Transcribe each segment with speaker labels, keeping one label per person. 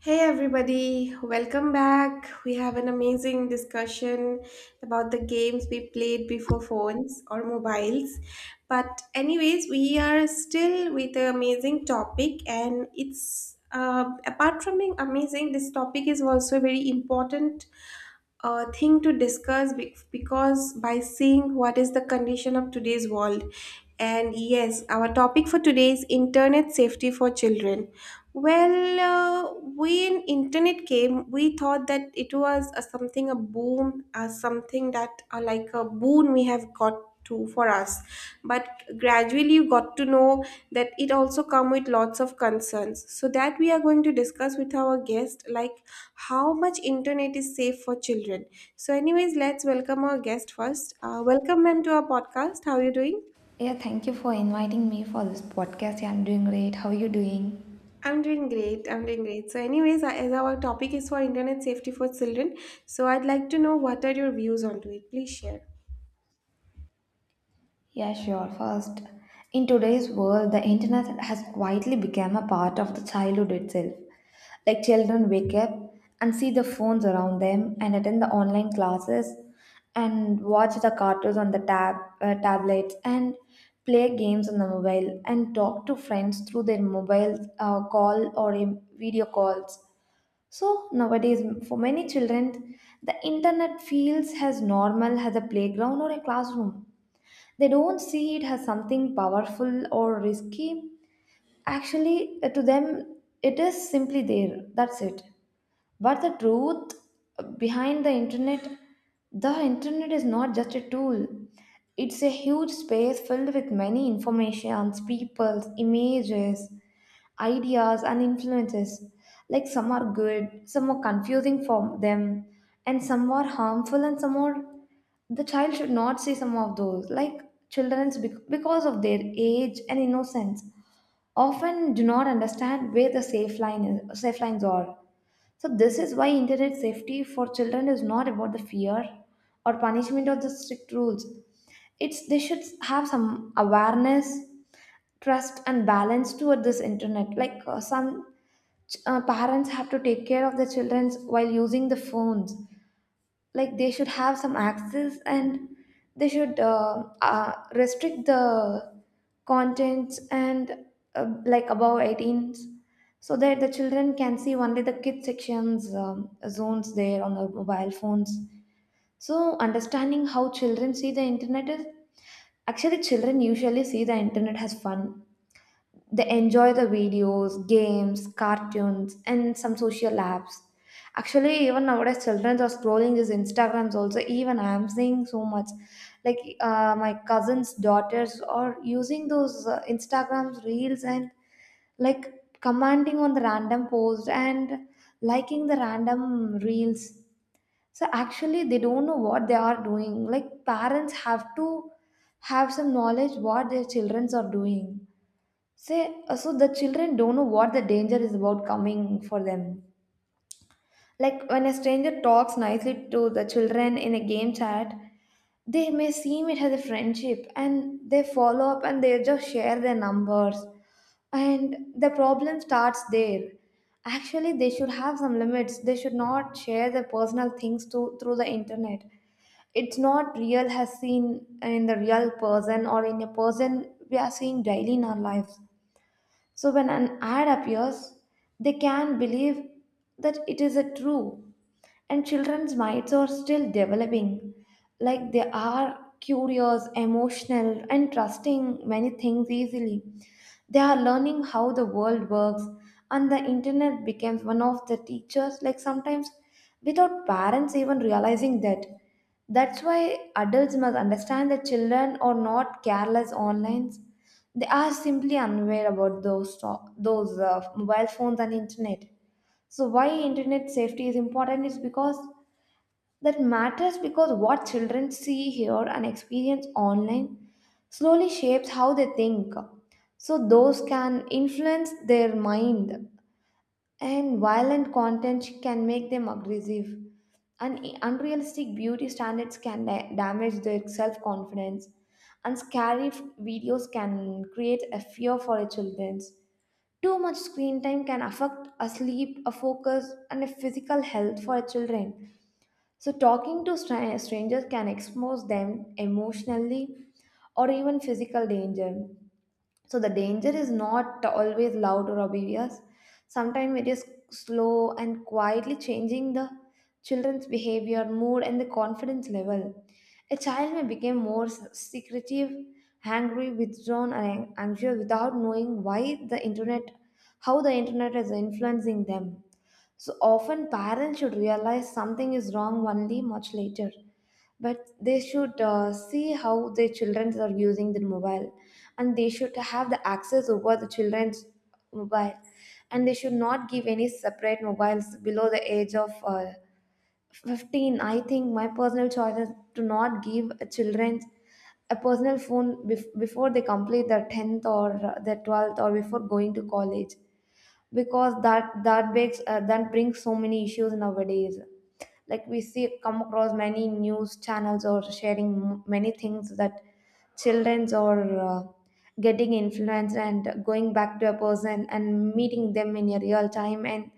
Speaker 1: Hey everybody, welcome back. We have an amazing discussion about the games we played before phones or mobiles. But anyways, we are still with the amazing topic, and it's apart from being amazing, this topic is also very important thing to discuss because by seeing what is the condition of today's world. And yes, our topic for today is internet safety for children. Well, when internet came, we thought that it was a, something a boom, something that like a boon we have got to for us. But gradually you got to know that it also come with lots of concerns, so that we are going to discuss with our guest, like how much internet is safe for children. So anyways, let's welcome our guest first. Welcome ma'am to our podcast, how are you doing?
Speaker 2: Yeah, thank you for inviting me for this podcast. Yeah, I'm doing great. How are you doing?
Speaker 1: I'm doing great. I'm doing great. So anyways, as our topic is for internet safety for children, so I'd like to know what are your views onto it. Please share.
Speaker 2: Yeah, sure. First, in today's world, the internet has quietly become a part of the childhood itself. Like, children wake up and see the phones around them and attend the online classes and watch the cartoons on the tablets and play games on the mobile and talk to friends through their mobile call or in video calls. So nowadays, for many children, the internet feels as normal as a playground or a classroom. They don't see it as something powerful or risky. Actually, to them, it is simply there. That's it. But the truth behind the internet is not just a tool. It's a huge space filled with many informations, peoples, images, ideas and influences. Like, some are good, some are confusing for them, and some are harmful, and some are the child should not see some of those, like children's because of their age and innocence often do not understand where the safe line is, safe lines are. So this is why internet safety for children is not about the fear or punishment or the strict rules. It's they should have some awareness, trust, and balance toward this internet. Some parents have to take care of the children while using the phones, like they should have some access, and they should restrict the contents and like above 18s, so that the children can see only the kid sections, zones there on the mobile phones. So understanding how children see the internet is actually children usually see the internet as fun. They enjoy the videos, games, cartoons, and some social apps. Actually, even nowadays, children are scrolling these Instagrams also. Even I'm seeing so much. My cousins' daughters are using those Instagrams reels and, like, commenting on the random post and liking the random reels. So actually, they don't know what they are doing. Like, parents have to have some knowledge what their childrens are doing. Say, so the children don't know what the danger is about coming for them. Like, when a stranger talks nicely to the children in a game chat, they may seem it as a friendship, and they follow up and they just share their numbers, and the problem starts there. Actually, they should have some limits. They should not share their personal things to through the internet. It's not real as seen in the real person or in a person we are seeing daily in our lives. So when an ad appears, they can believe that it is a true. And children's minds are still developing. Like, they are curious, emotional, and trusting many things easily. They are learning how the world works, and the internet becomes one of the teachers, like sometimes without parents even realizing that. That's why adults must understand that children are not careless online, they are simply unaware about those mobile phones and internet. So why internet safety is important is because that matters because what children see, hear, and experience online slowly shapes how they think. So those can influence their mind, and violent content can make them aggressive, and unrealistic beauty standards can damage their self-confidence, and scary videos can create a fear for our children. Too much screen time can affect a sleep, a focus, and a physical health for our children. So talking to strangers can expose them emotionally or even physical danger. So the danger is not always loud or obvious. Sometimes it is slow and quietly changing the children's behavior, mood, and the confidence level. A child may become more secretive, angry, withdrawn, and anxious without knowing why the internet, how the internet is influencing them. So often parents should realize something is wrong only much later. But they should see how their children are using the mobile, and they should have the access over the children's mobile, and they should not give any separate mobiles below the age of 15. I think my personal choice is to not give children a personal phone before they complete their 10th or their 12th or before going to college, because that makes that brings so many issues nowadays, like we see come across many news channels or sharing many things that childrens are getting influenced and going back to a person and meeting them in a real time, and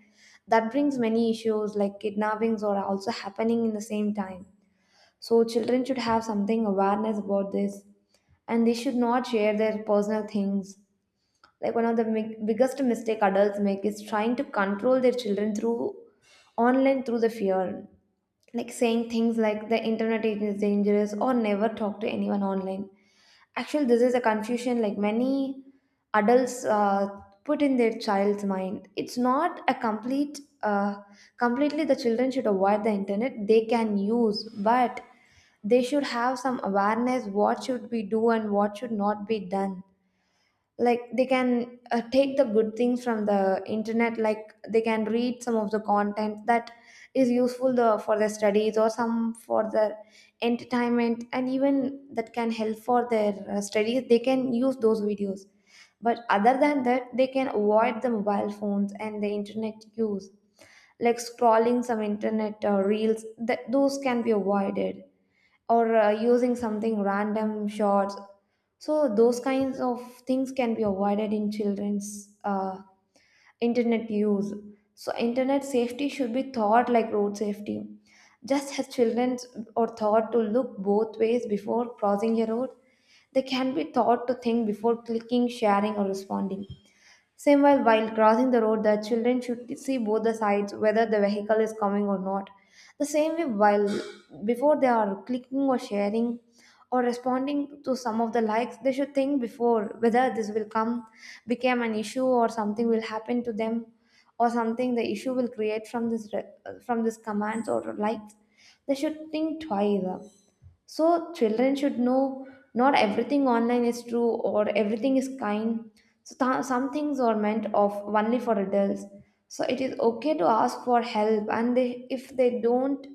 Speaker 2: that brings many issues like kidnappings are also happening in the same time. So children should have something awareness about this, and they should not share their personal things. Like, one of the biggest mistake adults make is trying to control their children through online through the fear, like saying things like the internet is dangerous or never talk to anyone online. Actually, this is a confusion like many adults put in their child's mind. It's not a completely the children should avoid the internet, they can use, but they should have some awareness what should be do and what should not be done. Like, they can take the good things from the internet, like they can read some of the content that is useful the, for their studies or some for their entertainment, and even that can help for their studies, they can use those videos. But other than that, they can avoid the mobile phones and the internet use, like scrolling some internet reels, that those can be avoided, or using something random shots. So those kinds of things can be avoided in children's internet use. So internet safety should be thought like road safety. Just as children are taught to look both ways before crossing a road, they can be taught to think before clicking, sharing, or responding. Same while crossing the road, the children should see both the sides whether the vehicle is coming or not. The same way, while before they are clicking or sharing or responding to some of the likes, they should think before whether this will come, become an issue, or something will happen to them, or something the issue will create from this from this commands or likes. They should think twice. So children should know not everything online is true or everything is kind. So some things are meant of only for adults. So it is okay to ask for help, and they, if they don't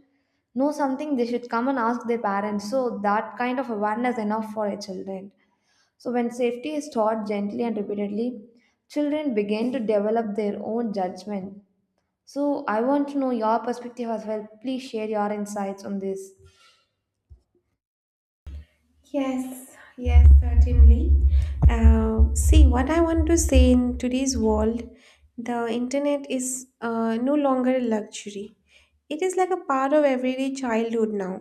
Speaker 2: know something, they should come and ask their parents. So that kind of awareness enough for a children. So when safety is taught gently and repeatedly, children begin to develop their own judgment. So I want to know your perspective as well. Please share your insights on this.
Speaker 1: Yes, yes, certainly. See, what I want to say, in today's world, the internet is no longer a luxury. It is like a part of everyday childhood now.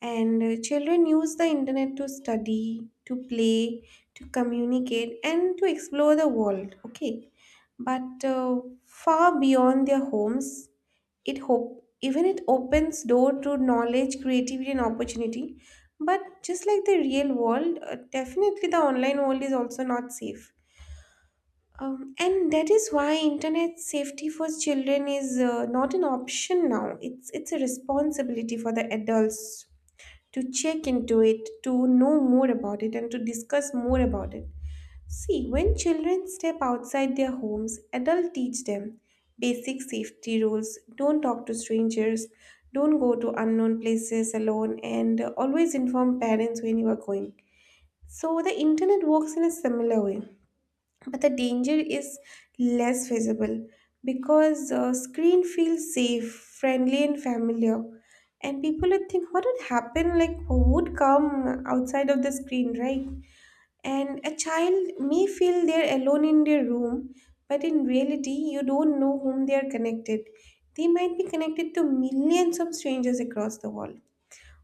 Speaker 1: And children use the internet to study, to play, to communicate, and to explore the world. Okay, but far beyond their homes, it hope, even it opens door to knowledge, creativity, and opportunity. But just like the real world, definitely the online world is also not safe. And that is why internet safety for children is not an option now. It's a responsibility for the adults to check into it, to know more about it, and to discuss more about it. See, when children step outside their homes, adults teach them basic safety rules: don't talk to strangers, don't go to unknown places alone, and always inform parents when you are going. So, the internet works in a similar way, but the danger is less visible because screen feels safe, friendly, and familiar, and people would think what would happen, like who would come outside of the screen, right? And a child may feel they're alone in their room, but in reality, you don't know whom they are connected. They might be connected to millions of strangers across the world.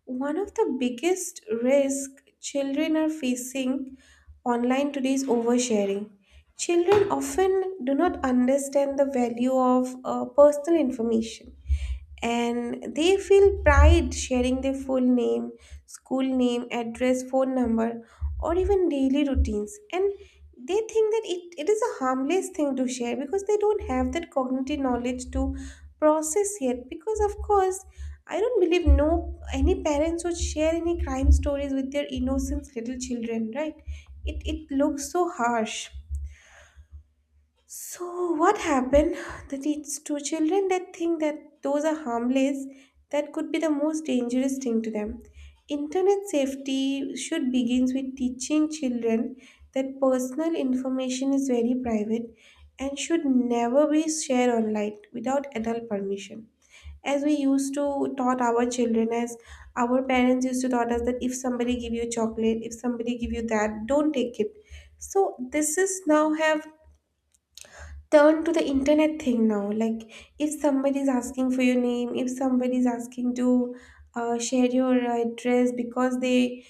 Speaker 1: One of the biggest risks children are facing online today is oversharing. Children often do not understand the value of personal information, and they feel pride sharing their full name, school name, address, phone number, or even daily routines. And they think that it is a harmless thing to share, because they don't have that cognitive knowledge to process yet. Because, of course, I don't believe no any parents would share any crime stories with their innocent little children, right? It looks so harsh. So, what happened? The teach two children that think that those are harmless, that could be the most dangerous thing to them. Internet safety should begins with teaching children that personal information is very private and should never be shared online without adult permission. As we used to taught our children, as our parents used to taught us, that if somebody give you chocolate, if somebody give you that, don't take it. So this is now have turn to the internet thing now. Like, if somebody is asking for your name, if somebody is asking to share your address, because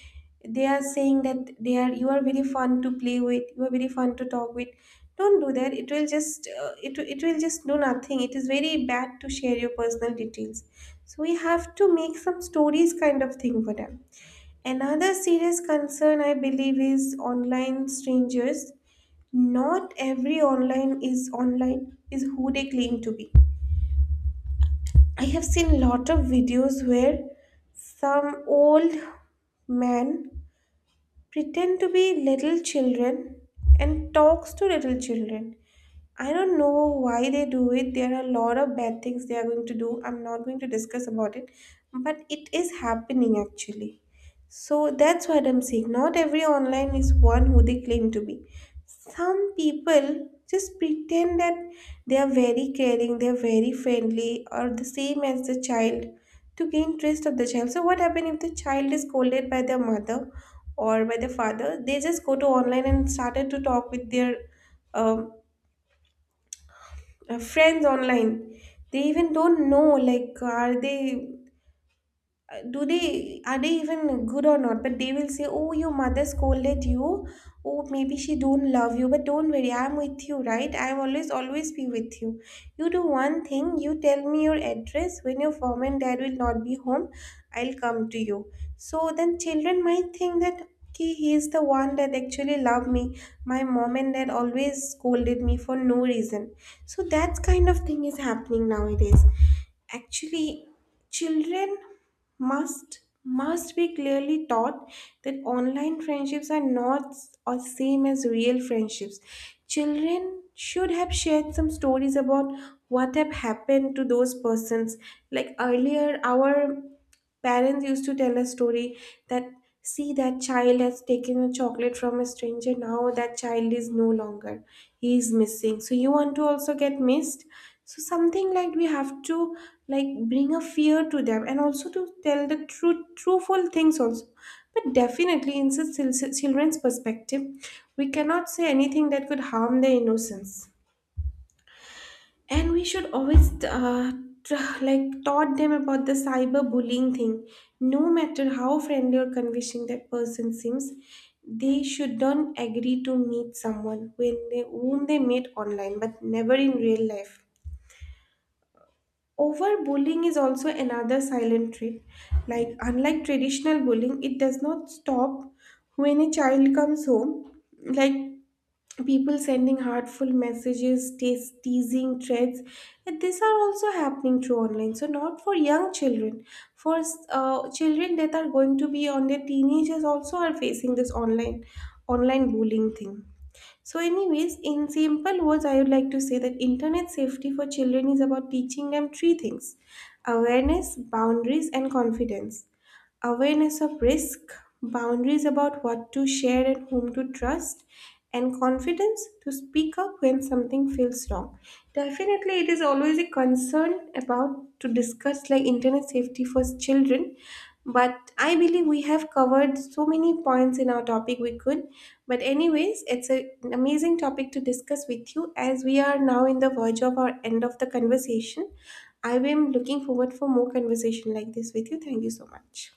Speaker 1: they are saying that they are, you are very fun to play with, you are very fun to talk with. Don't do that. It will just it will just do nothing. It is very bad to share your personal details. So we have to make some stories kind of thing for them. Another serious concern I believe is online strangers. Not every online is, online is who they claim to be. I have seen lot of videos where some old man pretend to be little children and talks to little children. I don't know why they do it. There are a lot of bad things they are going to do. I'm not going to discuss about it, but it is happening actually. So that's what I'm saying. Not every online is one who they claim to be. Some people just pretend that they are very caring, they are very friendly, or the same as the child, to gain trust of the child. So what happens if the child is scolded by their mother or by their father? They just go to online and started to talk with their um, friends online. They even don't know, like are they do they, are they even good or not, but they will say, oh, your mother scolded you, oh, maybe she don't love you, but don't worry, I'm with you, right? I will always, always be with you. You do one thing, you tell me your address when your mom and dad will not be home, I'll come to you. So then children might think that okay, he is the one that actually love me, my mom and dad always scolded me for no reason. So that kind of thing is happening nowadays. Actually, children must must be clearly taught that online friendships are not or same as real friendships. Children should have shared some stories about what have happened to those persons. Like earlier, our parents used to tell a story that, see, that child has taken a chocolate from a stranger, now that child is no longer, he is missing, so you want to also get missed. So something like, we have to, like, bring a fear to them, and also to tell the true truthful things also. But definitely, in such children's perspective, we cannot say anything that could harm their innocence, and we should always, like taught them about the cyber bullying thing. No matter how friendly or convincing that person seems, they should not agree to meet someone when they, whom they met online but never in real life. Overbullying is also another silent trait. Like, unlike traditional bullying, it does not stop when a child comes home. Like, people sending hurtful messages, teasing threads, and these are also happening through online. So not for young children, for children that are going to be on their teenagers also are facing this online bullying thing. So anyways, in simple words, I would like to say that internet safety for children is about teaching them three things: awareness, boundaries, and confidence. Awareness of risk, boundaries about what to share and whom to trust, and confidence to speak up when something feels wrong. Definitely, it is always a concern about to discuss, like internet safety for children. But I believe we have covered so many points in our topic we could. But anyways, it's a, an amazing topic to discuss with you, as we are now in the verge of our end of the conversation. I am looking forward for more conversation like this with you. Thank you so much.